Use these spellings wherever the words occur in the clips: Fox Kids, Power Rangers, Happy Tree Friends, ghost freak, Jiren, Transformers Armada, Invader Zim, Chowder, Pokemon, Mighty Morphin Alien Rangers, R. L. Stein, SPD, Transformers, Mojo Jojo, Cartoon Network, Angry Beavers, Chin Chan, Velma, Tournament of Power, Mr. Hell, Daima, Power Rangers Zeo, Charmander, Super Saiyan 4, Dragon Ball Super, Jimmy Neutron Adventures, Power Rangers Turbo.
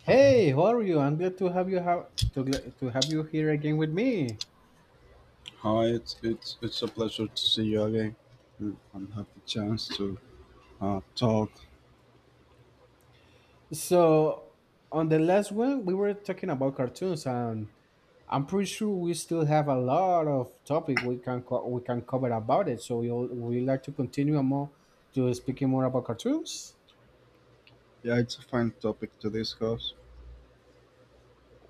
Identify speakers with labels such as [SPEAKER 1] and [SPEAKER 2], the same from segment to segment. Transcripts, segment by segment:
[SPEAKER 1] Hey, how are you? I'm glad to have you have to gl- to have you here again with me.
[SPEAKER 2] Hi, it's a pleasure to see you again, and have the chance to talk.
[SPEAKER 1] So, on the last one, we were talking about cartoons, and I'm pretty sure we still have a lot of topic we can we can cover about it. So we like to continue more to speaking more about cartoons.
[SPEAKER 2] Yeah, it's a fine topic to discuss.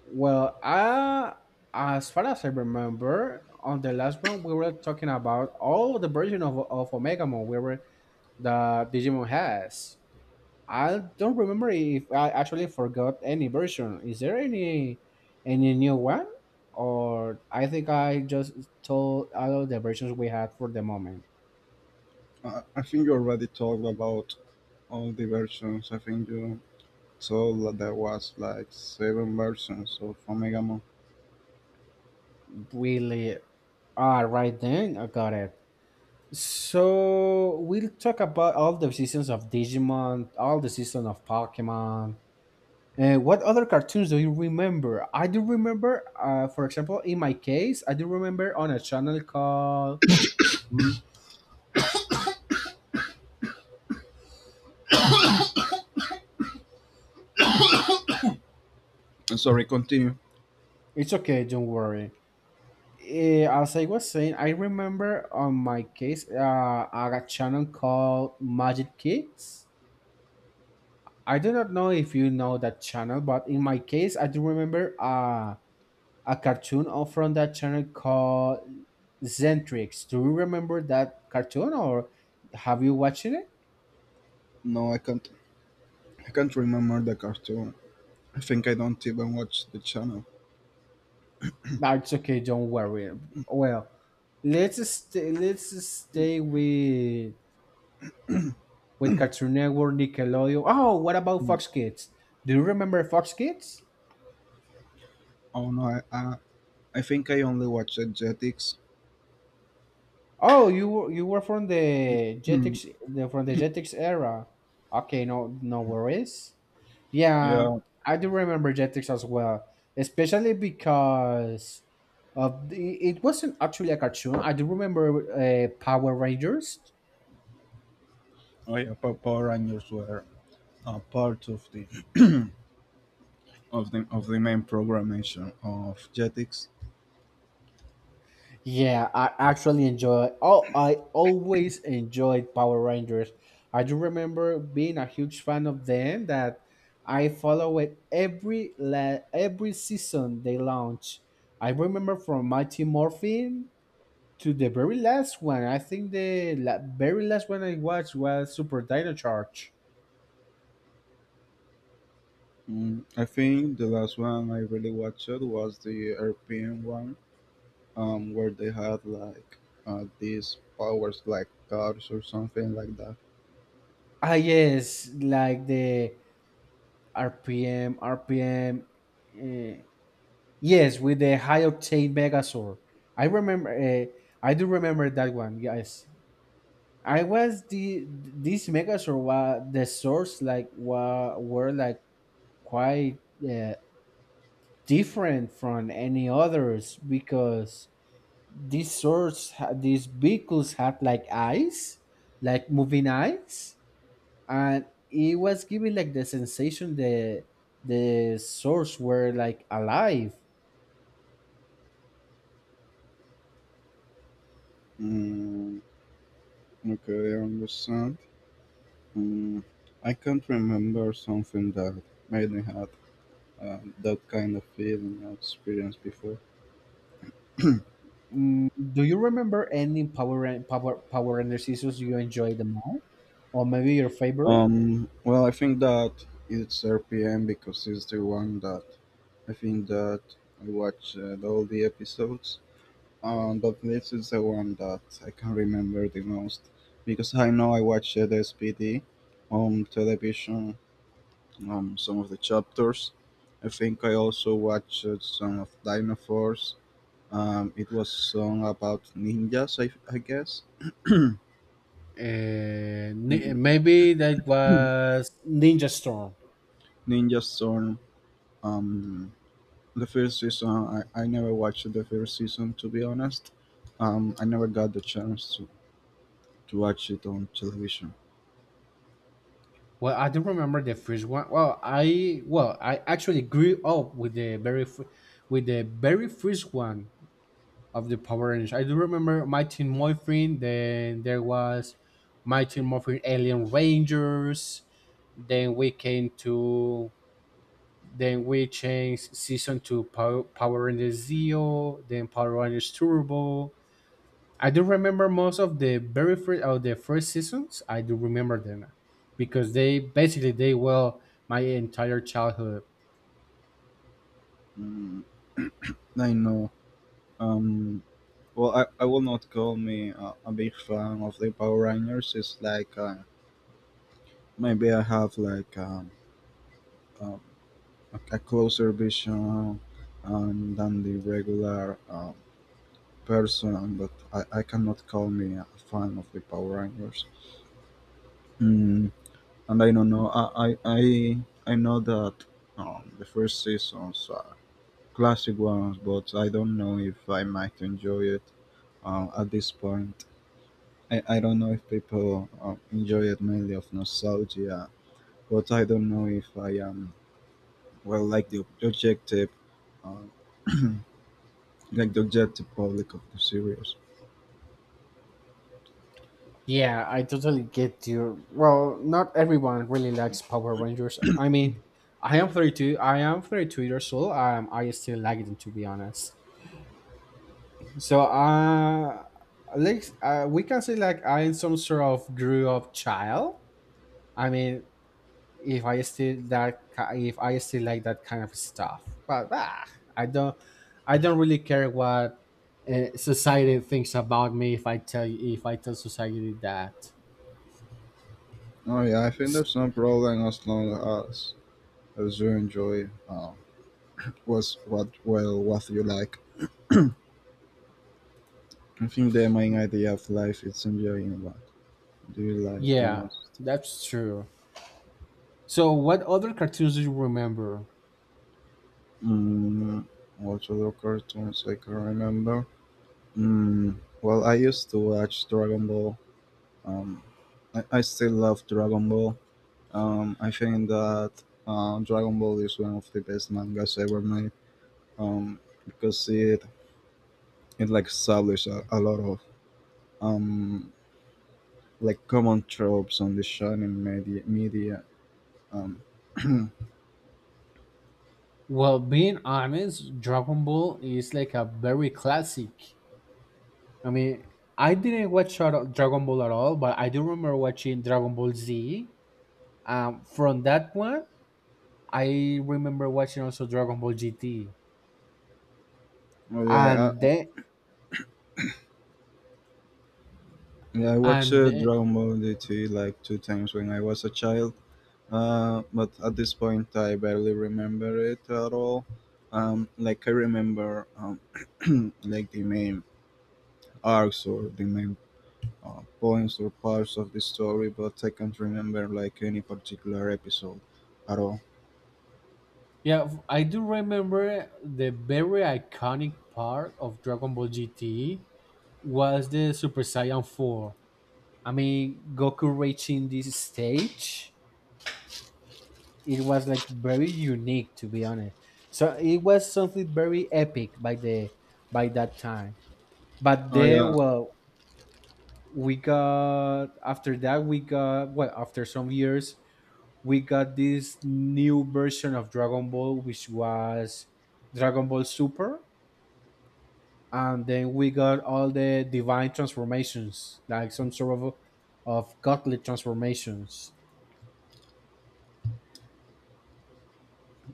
[SPEAKER 1] Well, I, as far as I remember, on the last one we were talking about all the version of Omega Mon we were the Digimon has. I don't remember if I actually forgot any version. Is there any new one? Or I think I just told all of the versions we had for the moment.
[SPEAKER 2] I think you already talked about all the versions. I think you told that there was like seven versions of Omega Mon.
[SPEAKER 1] Really? Ah, right then. I got it. So we'll talk about all the seasons of Digimon, all the season of Pokemon. What other cartoons do you remember? I do remember, for example, in my case, I do remember on a channel called. Mm.
[SPEAKER 2] Sorry, continue.
[SPEAKER 1] It's okay, don't worry. As I was saying, I remember on my case, a channel called Magic Kids. I do not know if you know that channel, but in my case, I do remember a cartoon from that channel called Zentrix. Do you remember that cartoon or have you watched it?
[SPEAKER 2] No, I can't. I can't remember the cartoon. I think I don't even watch the channel.
[SPEAKER 1] That's okay, don't worry. Well, let's stay with Cartoon Network, Nickelodeon. Oh, what about
[SPEAKER 2] Hmm.
[SPEAKER 1] Fox Kids? Do you remember Fox Kids?
[SPEAKER 2] Oh no, I think I only watched Jetix.
[SPEAKER 1] Oh, you were
[SPEAKER 2] Hmm.
[SPEAKER 1] From the Jetix era. Okay, no worries. Yeah,
[SPEAKER 2] Yeah,
[SPEAKER 1] I do remember Jetix as well, especially because it wasn't actually a cartoon. I do remember Power Rangers.
[SPEAKER 2] oh yeah, Power Rangers were are part of the of the main programmation of Jetix.
[SPEAKER 1] Yeah, I actually enjoy. Oh, I always enjoyed Power Rangers. I do remember being a huge fan of them. That I follow it every every season they launch. I remember from Mighty Morphin to the very last one. I think the very last one I watched was Super Dino Charge.
[SPEAKER 2] I think the last one I really watched was the European one, where they had like these powers like cars or something like that.
[SPEAKER 1] Ah, yes, like the RPM. Yes, with the high octane Megazord. I remember. I do remember that one. Yes, I was the this Megazord. Was, the swords like wa were like quite, uh, different from any others, because these vehicles had like eyes, like moving eyes, and it was giving like the sensation that the swords were like alive.
[SPEAKER 2] Mm, okay, I understand. Mm, I can't remember something that made me have that kind of feeling or experience before.
[SPEAKER 1] Do you remember any Power Rangers seasons you enjoyed the most, or maybe your favorite?
[SPEAKER 2] Well, I think that it's RPM because it's the one that I think that I watched all the episodes, but this is the one that I can remember the most because I know I watched the SPD on television, some of the chapters. I think I also watched some of Dino Force. It was song about ninjas, I guess. Mm,
[SPEAKER 1] Maybe that was Ninja Storm.
[SPEAKER 2] Ninja Storm. Um, the first season, I never watched the first season to be honest. I never got the chance to watch it on television.
[SPEAKER 1] Well, I don't remember the first one. Well, I actually grew up with the very first one of the Power Rangers. I do remember Mighty Morphin. Then there was Mighty Morphin Alien Rangers. Then we came to Then we changed season to Power Rangers Zeo, then Power Rangers Turbo. I do remember most of the very first of the first seasons. I do remember them because they basically they well my entire childhood.
[SPEAKER 2] Mm, I know. Um, well, I will not call me a big fan of the Power Rangers. It's like maybe I have like um, a closer vision than the regular person, but I cannot call me a fan of the Power Rangers. Mm, and I don't know. I know that the first seasons are classic ones, but I don't know if I might enjoy it at this point. I don't know if people enjoy it mainly of nostalgia, but I don't know if I am well like the objective, uh, like the objective public of the series.
[SPEAKER 1] Yeah, I totally get you. Well, not everyone really likes Power Rangers. I mean, I am 32. I am 32 years old. I still like them, to be honest. So like, we can say like I'm some sort of grew up child. I mean, if I still that ki- if I still like that kind of stuff, but I don't I don't really care what society thinks about me, if I tell society that.
[SPEAKER 2] Oh yeah, I think
[SPEAKER 1] S-
[SPEAKER 2] there's no problem as long as you enjoy was what well what you like. I think the main idea of life is enjoying what do you like the
[SPEAKER 1] Yeah,
[SPEAKER 2] most.
[SPEAKER 1] that's true. So what other cartoons do you remember?
[SPEAKER 2] Mm, what other cartoons I can remember? Well, I used to watch Dragon Ball. Um, I still love Dragon Ball. I think that Dragon Ball is one of the best mangas ever made, um, because it like established a lot of um, like common tropes on the shonen media. Um,
[SPEAKER 1] Well, being honest, Dragon Ball is like a very classic. I mean, I didn't watch Dragon Ball at all, but I do remember watching Dragon Ball Z. From that one, I remember watching also Dragon Ball GT,
[SPEAKER 2] well, yeah,
[SPEAKER 1] and then
[SPEAKER 2] yeah, I watched
[SPEAKER 1] and then,
[SPEAKER 2] Dragon Ball D.T. like two times when I was a child, but at this point I barely remember it at all. Like I remember, like the main arcs or the main, points or parts of the story, but I can't remember like any particular episode at all.
[SPEAKER 1] yeah, I do remember the very iconic part of Dragon Ball GT was the Super Saiyan 4. I mean, Goku reaching this stage, it was like very unique, to be honest. So it was something very epic by that time. But
[SPEAKER 2] Oh
[SPEAKER 1] then,
[SPEAKER 2] yeah,
[SPEAKER 1] well, we got, after that we got, well, after some years we got this new version of Dragon Ball, which was Dragon Ball Super. And then we got all the divine transformations, like some sort of godly transformations.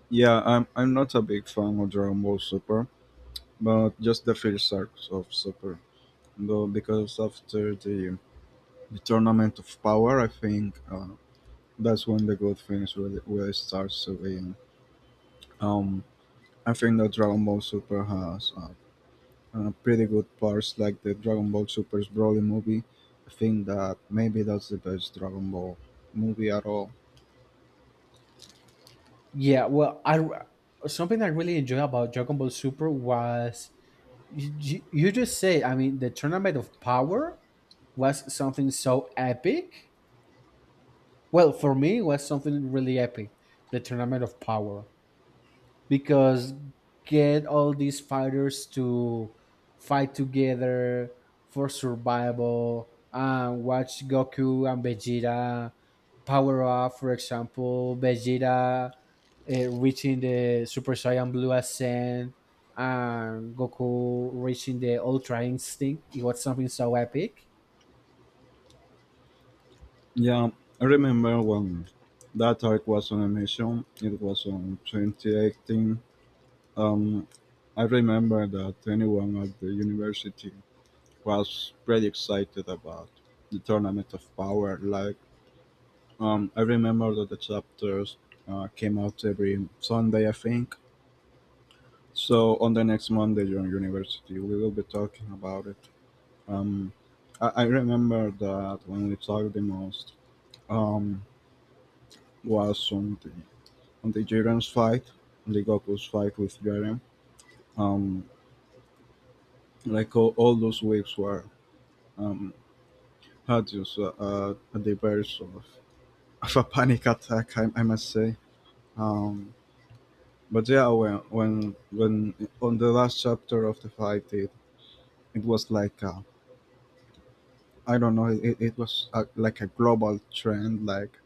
[SPEAKER 2] yeah. I'm not a big fan of Dragon Ball Super, but just the first arcs of Super, though because after the tournament of power. I think that's when the good things really, really starts to be. Um, I think that Dragon Ball Super has pretty good parts, like the Dragon Ball Super's Broly movie. I think that maybe that's the best Dragon Ball movie at all.
[SPEAKER 1] Yeah, well, I, something I really enjoy about Dragon Ball Super was, you just say, I mean, the Tournament of Power was something so epic. Well, for me, it was something really epic, the Tournament of Power, because get all these fighters to fight together for survival and watch Goku and Vegeta power up. For example, Vegeta, reaching the Super Saiyan Blue Ascent, and Goku reaching the Ultra Instinct. It was something so epic.
[SPEAKER 2] Yeah, I remember when that arc was on emission. It was on 2018. Um, I remember that anyone at the university was pretty excited about the Tournament of Power. Like, I remember that the chapters came out every Sunday, I think. So on the next Monday during university, we will be talking about it. Um, I remember that when we talked the most, um, was on the Jiren's fight, on the Goku's fight with Jiren. Um, like all those weeks were, um, had just a diverse of a panic attack, I must say. Um, but yeah, when on the last chapter of the fight, it was like, I don't know, it was like a global trend, like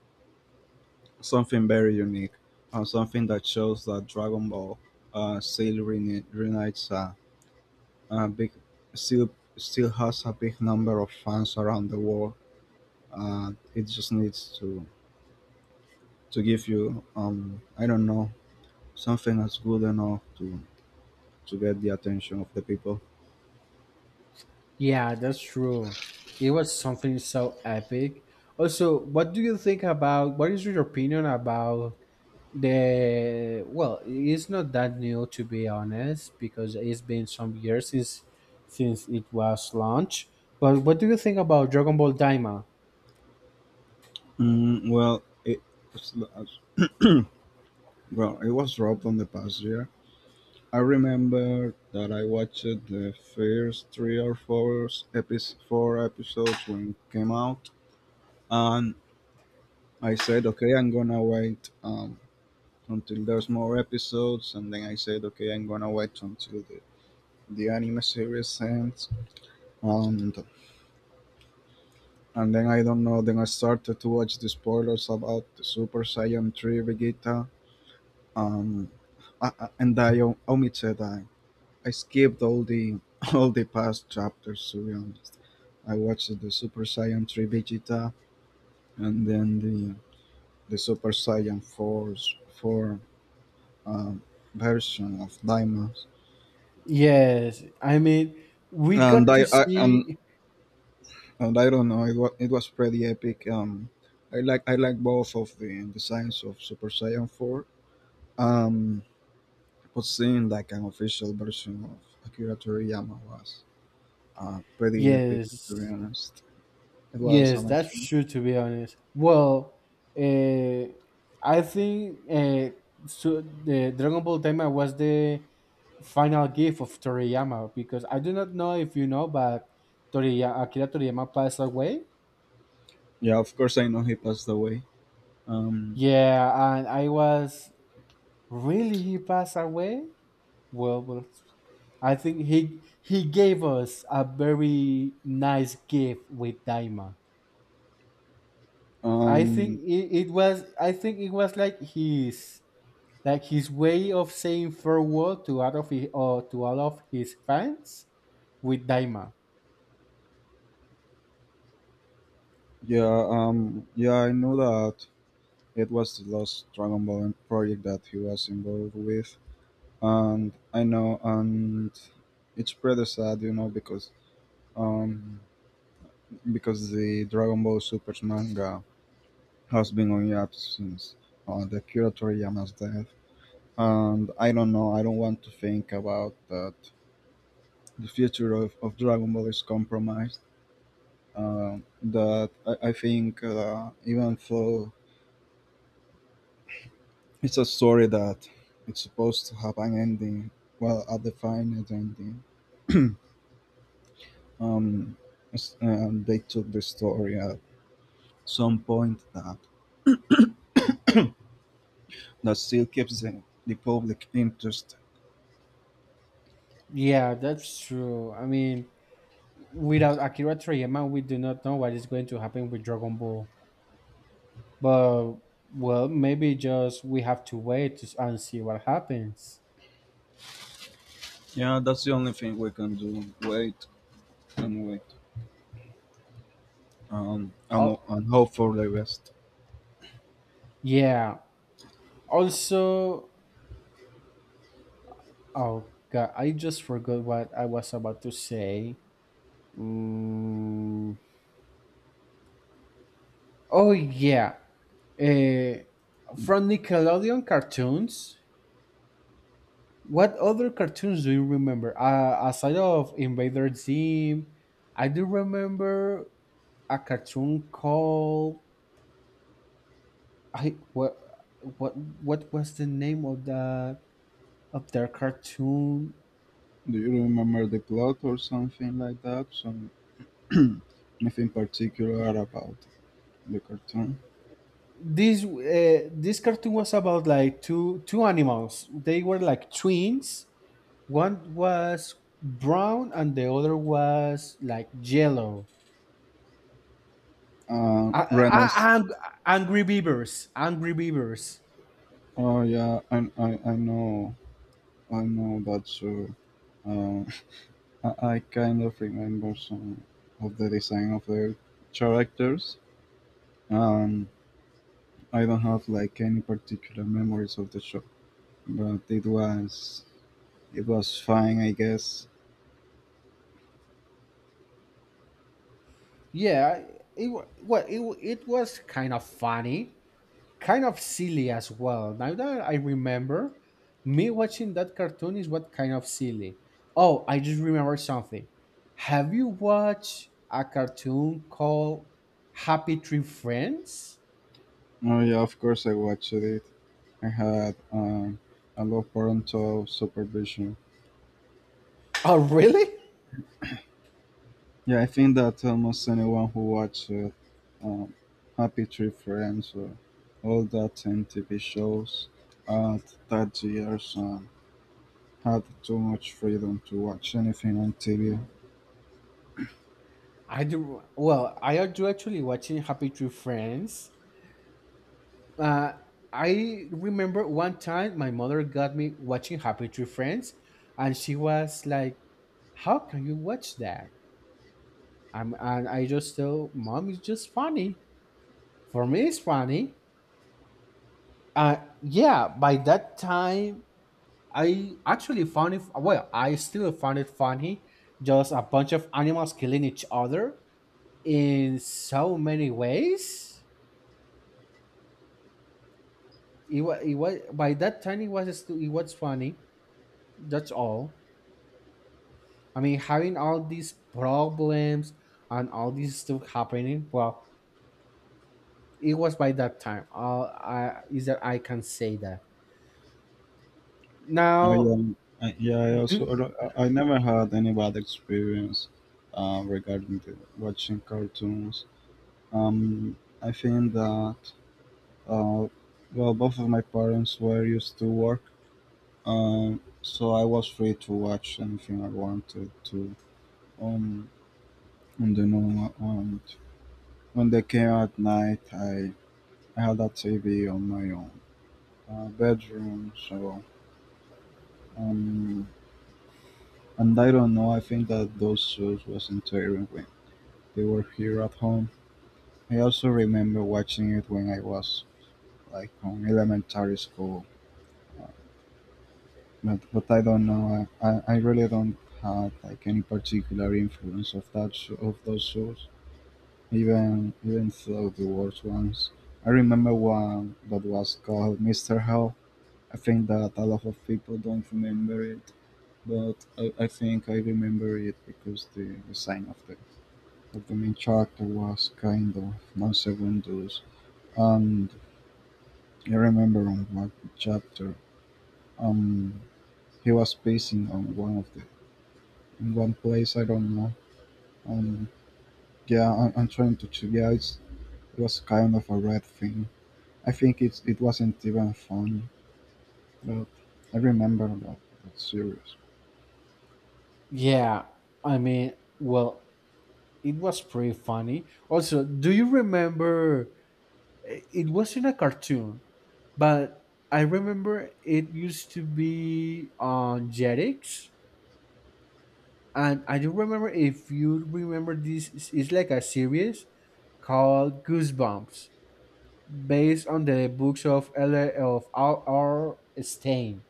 [SPEAKER 2] something very unique, something that shows that Dragon Ball still reunites, a big still still has a big number of fans around the world. It just needs to give you, I don't know, something that's good enough to get the attention of the people?
[SPEAKER 1] Yeah, that's true. It was something so epic. Also, what is your opinion about the well, it's not that new, to be honest, because it's been some years since it was launched. But what do you think about Dragon Ball Daima?
[SPEAKER 2] Well, was, well, it was dropped on the past year. I remember that I watched the first three or four episodes, when it came out, and I said, okay, I'm gonna wait until there's more episodes, and then I said, okay, I'm gonna wait until the anime series ends, and then I don't know. Then I started to watch the spoilers about the Super Saiyan 3 Vegeta. um, Omitted, I skipped all the all the past chapters to be honest. I watched the Super Saiyan 3 Vegeta and then the Super Saiyan 4's 4, um, version of Daima.
[SPEAKER 1] Yes, I mean, we
[SPEAKER 2] And
[SPEAKER 1] got to
[SPEAKER 2] I, I and,
[SPEAKER 1] see.
[SPEAKER 2] and I don't know, it was pretty epic. I like both of the designs of Super Saiyan 4. Um, but seeing like an official version of Akira Toriyama was, pretty epic, to be
[SPEAKER 1] Yes.
[SPEAKER 2] honest. It was
[SPEAKER 1] Yes, that's
[SPEAKER 2] amazing.
[SPEAKER 1] true. To be honest, well, uh, I think, so the Dragon Ball Daima was the final gift of Toriyama, because I do not know if you know, but Akira Toriyama passed away.
[SPEAKER 2] Yeah, of course I know he passed away. Um,
[SPEAKER 1] Yeah, and I was really he passed away. Well, I think he gave us a very nice gift with Daima. I think
[SPEAKER 2] um,
[SPEAKER 1] it, it was I think it was like his way of saying farewell to all of his, to all of his fans with Daima.
[SPEAKER 2] yeah, yeah, I know that it was the last Dragon Ball project that he was involved with, and I know, and it's pretty sad because um, because the Dragon Ball Super manga has been on hiatus since, the Kira Toriyama's death, and I don't know, I don't want to think about that the future of Dragon Ball is compromised. That I think, even though it's a story that it's supposed to have an ending, well, a defined ending, um, and they took the story at some point that still keeps the public interested.
[SPEAKER 1] Yeah, that's true. I mean, without Akira Toriyama, we do not know what is going to happen with Dragon Ball. But well, maybe just we have to wait to, and see what happens.
[SPEAKER 2] Yeah, that's the only thing we can do. Wait and wait,
[SPEAKER 1] Oh,
[SPEAKER 2] and, hope for the best.
[SPEAKER 1] yeah. Also, oh god, I just forgot what I was about to say. Mm. Oh, yeah. Uh, from Nickelodeon cartoons, what other cartoons do you remember? Aside of Invader Zim, I do remember a cartoon called. I what was the name of their cartoon?
[SPEAKER 2] Do you remember the plot or something like that? Some if particular about the cartoon.
[SPEAKER 1] This cartoon was about like two animals. They were like twins. One was brown and the other was like yellow. I,
[SPEAKER 2] Renner's.
[SPEAKER 1] I, ang- Angry Beavers, Angry Beavers.
[SPEAKER 2] Oh yeah, I know that show. Uh, I kind of remember some of the design of the characters. Um, I don't have like any particular memories of the show, but it was fine, I guess.
[SPEAKER 1] Yeah, well, it was kind of funny, kind of silly as well. Now that I remember, me watching that cartoon is what kind of silly. Oh, I just remember something. Have you watched a cartoon called Happy Tree Friends?
[SPEAKER 2] Oh yeah, of course I watched it. I had, a lot of parental supervision.
[SPEAKER 1] Oh, really?
[SPEAKER 2] Yeah, I think that almost anyone who watched um, Happy Tree Friends or all that TV shows at that years, had too much freedom to watch anything on TV.
[SPEAKER 1] I do. Well, I do actually watching Happy Tree Friends. Uh, I remember one time my mother got me watching Happy Tree Friends, and she was like, "How can you watch that?" And I just tell mom, "It's just funny. For me, it's funny." Uh, yeah. By that time, I actually found it. Well, I still found it funny. Just a bunch of animals killing each other in so many ways. It was, by that time, it was funny. That's all. I mean, having all these problems and all this stuff happening, well, it was by that time. All I is that I can say that.
[SPEAKER 2] Oh
[SPEAKER 1] Now,
[SPEAKER 2] yeah, yeah, I also
[SPEAKER 1] do
[SPEAKER 2] I never had any bad experience regarding the watching cartoons. I think that uh, well, both of my parents were used to work. So I was free to watch anything I wanted to, um, on the normal, and when they came at night I had a TV on my own, bedroom so, um, and I don't know, I think that those shows wasn't terrible when they were here at home. I also remember watching it when I was like on elementary school, uh, but, I don't know, I really don't have like any particular influence of that show, of those shows. Even though the worst ones, I remember one that was called Mr. Hell. I think that a lot of people don't remember it, but I think I remember it because the design of the main character was kind of monster windows, and I remember on one chapter, um, he was pacing on one of the in one place. I don't know. Um, yeah, I'm trying to. Yeah, it was kind of a red thing. I think it wasn't even funny, but I remember that series.
[SPEAKER 1] yeah, I mean, well, it was pretty funny. Also, do you remember, it was in a cartoon, but I remember it used to be on Jetix. And I do remember if you remember this, it's like a series called Goosebumps, based on the books of L. of R. R. Stein.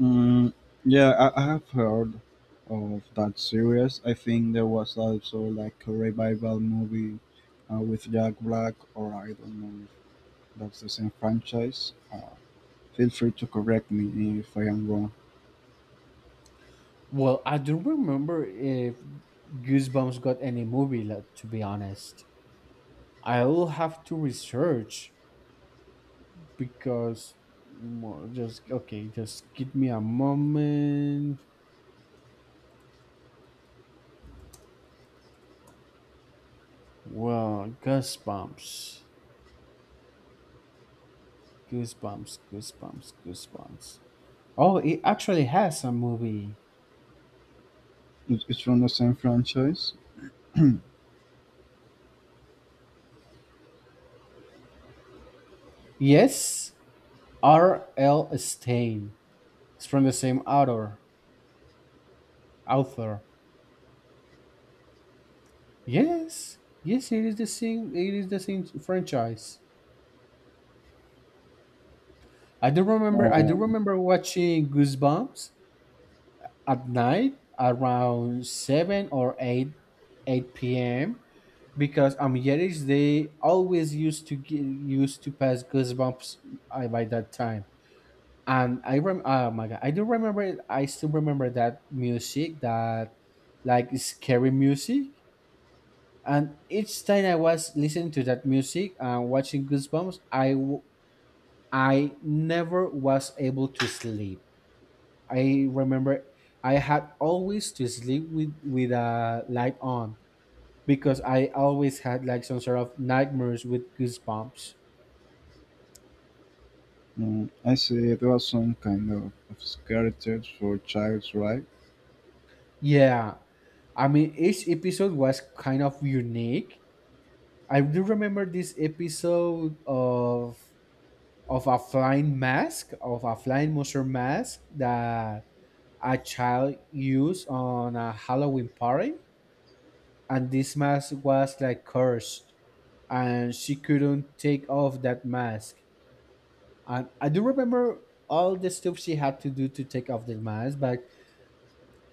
[SPEAKER 2] Mm, yeah, I have heard of that series. I think there was also like a revival movie with Jack Black, or I don't know if that's the same franchise. Feel free to correct me if I am wrong.
[SPEAKER 1] Well, I don't remember if Goosebumps got any movie, like, to be honest, I'll have to research because, well, just okay. Just give me a moment. Well, Goosebumps, Goosebumps, Goosebumps, Goosebumps. Oh, it actually has a movie.
[SPEAKER 2] It's from the same franchise.
[SPEAKER 1] Yes, R. L. Stein. It's from the same author. Author. Yes, yes, it is the same. It is the same franchise. I do remember. I do
[SPEAKER 2] Um,
[SPEAKER 1] remember watching Goosebumps at night around seven or eight, p.m. Because on Yiddish they always used to used to pass Goosebumps, by that time. And oh my god, I do remember. It. I still remember that music, that like scary music. And each time I was listening to that music and watching Goosebumps, I never was able to sleep. I remember I had always to sleep with a light on, because I always had like some sort of nightmares with goosebumps.
[SPEAKER 2] I see there was some kind of scary for child's right.
[SPEAKER 1] Yeah. I mean, each episode was kind of unique. I do remember this episode of a flying monster mask that a child used on a Halloween party, and this mask was like cursed, and she couldn't take off that mask. And I do remember all the stuff she had to do to take off the mask, but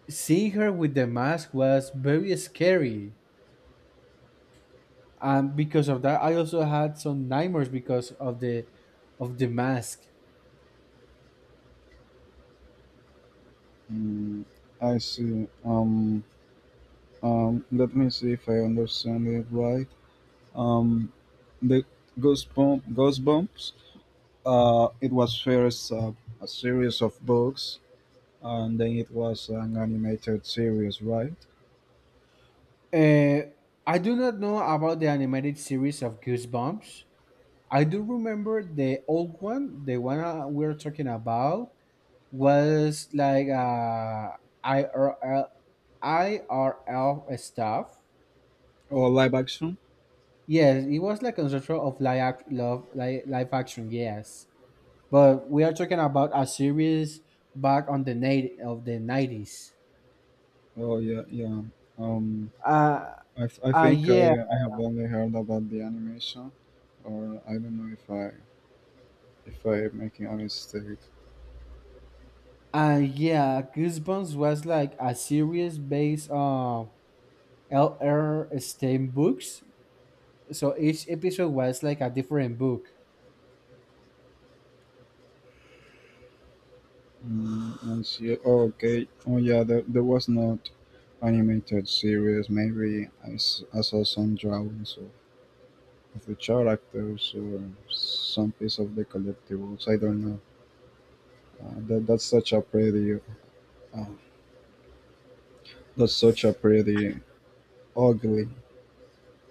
[SPEAKER 1] seeing her with the mask was very scary. And because of that I also had some nightmares because of the mask.
[SPEAKER 2] Mm, I see. Let me see if I understand it right. Um, the Goosebumps, it was first a series of books, and then it was an animated series, right?
[SPEAKER 1] uh, I do not know about the animated series of Goosebumps. I do remember the old one, the one, we're talking about, was like, IRL IRL stuff.
[SPEAKER 2] Or live action?
[SPEAKER 1] Yes, it was like a sort of live action. Yes, but we are talking about a series back on the night of the 90s.
[SPEAKER 2] Oh, yeah, yeah. Um,
[SPEAKER 1] Uh,
[SPEAKER 2] I think
[SPEAKER 1] yeah,
[SPEAKER 2] I have only heard about the animation, or I don't know if I if I'm making a mistake.
[SPEAKER 1] yeah. Goosebumps was like a series based on L.R. Stein books. So each episode was like a different book.
[SPEAKER 2] I see. Oh, okay. Oh, yeah. There was not animated series. Maybe I saw some drawings of the characters or some piece of the collectibles. I don't know. That's such a pretty. Uh, that's such a pretty ugly,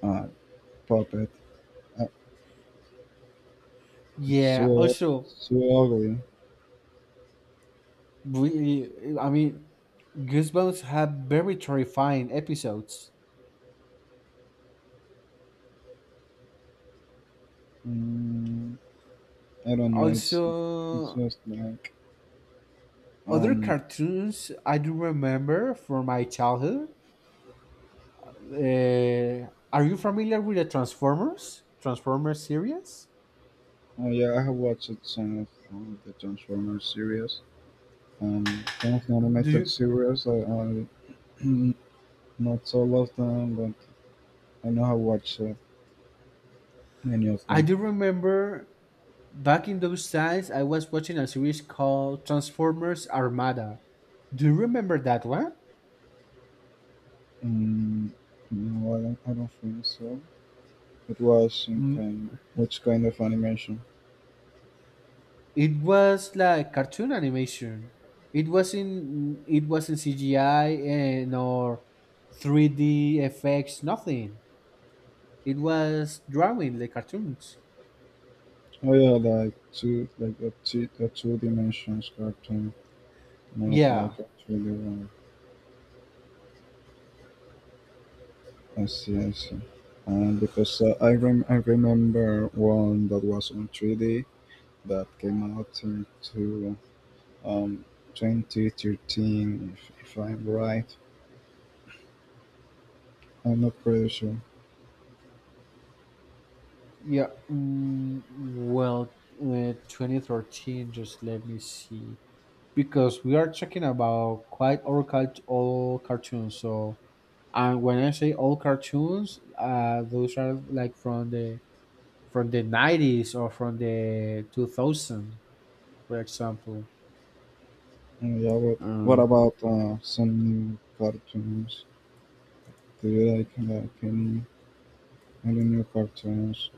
[SPEAKER 2] uh, puppet. Uh, it's
[SPEAKER 1] Yeah. Also,
[SPEAKER 2] so ugly.
[SPEAKER 1] I mean, Goosebumps had very terrifying episodes.
[SPEAKER 2] Mm, I don't know. It's
[SPEAKER 1] Also,
[SPEAKER 2] just like
[SPEAKER 1] other
[SPEAKER 2] um.
[SPEAKER 1] cartoons I do remember from my childhood. Uh, are you familiar with the Transformers? Transformers series?
[SPEAKER 2] Oh yeah, I have watched some of the Transformers series. Some of the
[SPEAKER 1] Do
[SPEAKER 2] animated
[SPEAKER 1] you?
[SPEAKER 2] series, I not all of them, but I know I watched many of
[SPEAKER 1] I
[SPEAKER 2] them.
[SPEAKER 1] do remember back in those times I was watching a series called Transformers Armada. Do you remember that one?
[SPEAKER 2] Um, no, I don't, think so. It was some kind, which kind of animation?
[SPEAKER 1] It was like cartoon animation. It wasn't CGI and or 3D effects, nothing. It was drawing like cartoons.
[SPEAKER 2] Oh yeah, like two, like a two dimensions cartoon, not
[SPEAKER 1] Yeah,
[SPEAKER 2] like a 3D one. I see, I see. Because I remember one that was on 3D that came out in two um, 2013, if I'm right. I'm not pretty sure.
[SPEAKER 1] yeah. Well, 2013, just let me see. Because we are talking about quite all, all cartoons. So, and when I say all cartoons, those are like from the 90s or from the 2000, for example.
[SPEAKER 2] Yeah, but what
[SPEAKER 1] Uh,
[SPEAKER 2] about some new cartoons? Do you like, any, new cartoons?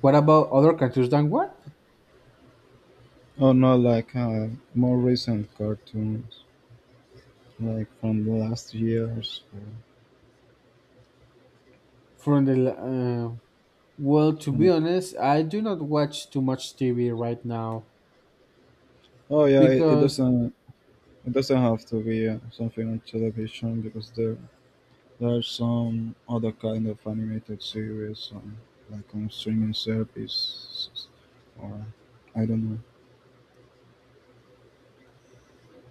[SPEAKER 1] what about other cartoons? Than what?
[SPEAKER 2] Oh no, like more recent cartoons, like from the last years. Or
[SPEAKER 1] From the l- uh, well, to
[SPEAKER 2] from
[SPEAKER 1] be
[SPEAKER 2] the,
[SPEAKER 1] honest, I do not watch too much TV right now
[SPEAKER 2] oh yeah, it
[SPEAKER 1] because
[SPEAKER 2] doesn't have to be something on television because There's some other kind of animated series on on streaming services or I don't know.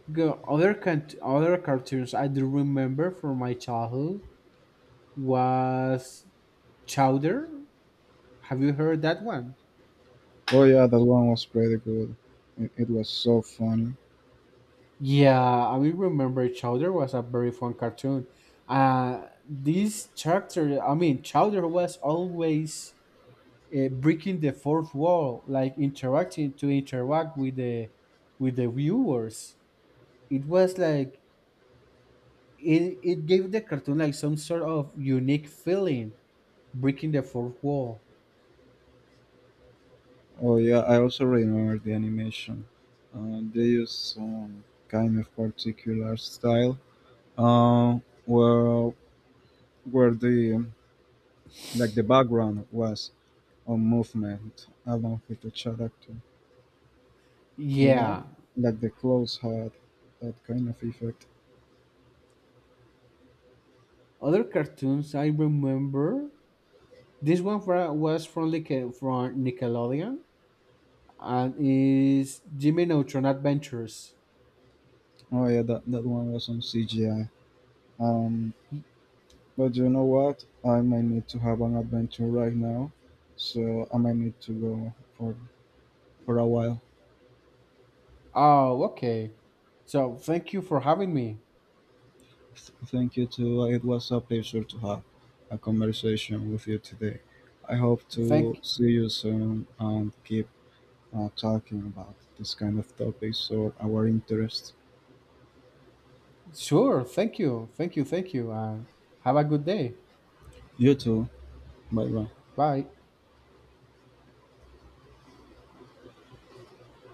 [SPEAKER 1] the other cant- other cartoons I do remember from my childhood was Chowder. Have you heard that one?
[SPEAKER 2] Oh yeah, that one was pretty good. It was so funny.
[SPEAKER 1] Yeah, I will remember Chowder was a very fun cartoon. This character, I mean, Chowder was always, breaking the fourth wall, like interacting to interact with the viewers. It was like it gave the cartoon like some sort of unique feeling, breaking the fourth wall.
[SPEAKER 2] Oh yeah, I also remember the animation. They used some kind of particular style. Uh, where the like the background was on movement along with the character. You know,
[SPEAKER 1] Yeah,
[SPEAKER 2] like the clothes had that kind of effect.
[SPEAKER 1] other cartoons I remember. This one was from Nickelodeon, and is Jimmy Neutron Adventures.
[SPEAKER 2] Oh yeah, that one was on CGI. Um, but you know what? I might need to have an adventure right now, so I might need to go for a while.
[SPEAKER 1] Oh, okay. So thank you for having me.
[SPEAKER 2] Thank you too. It was a pleasure to have a conversation with you today. I hope to
[SPEAKER 1] Thank
[SPEAKER 2] see you soon and keep talking about this kind of topics or our interests.
[SPEAKER 1] Sure. Thank you. Thank you. Thank you. And have a good day.
[SPEAKER 2] You too. Bye bye.
[SPEAKER 1] Bye.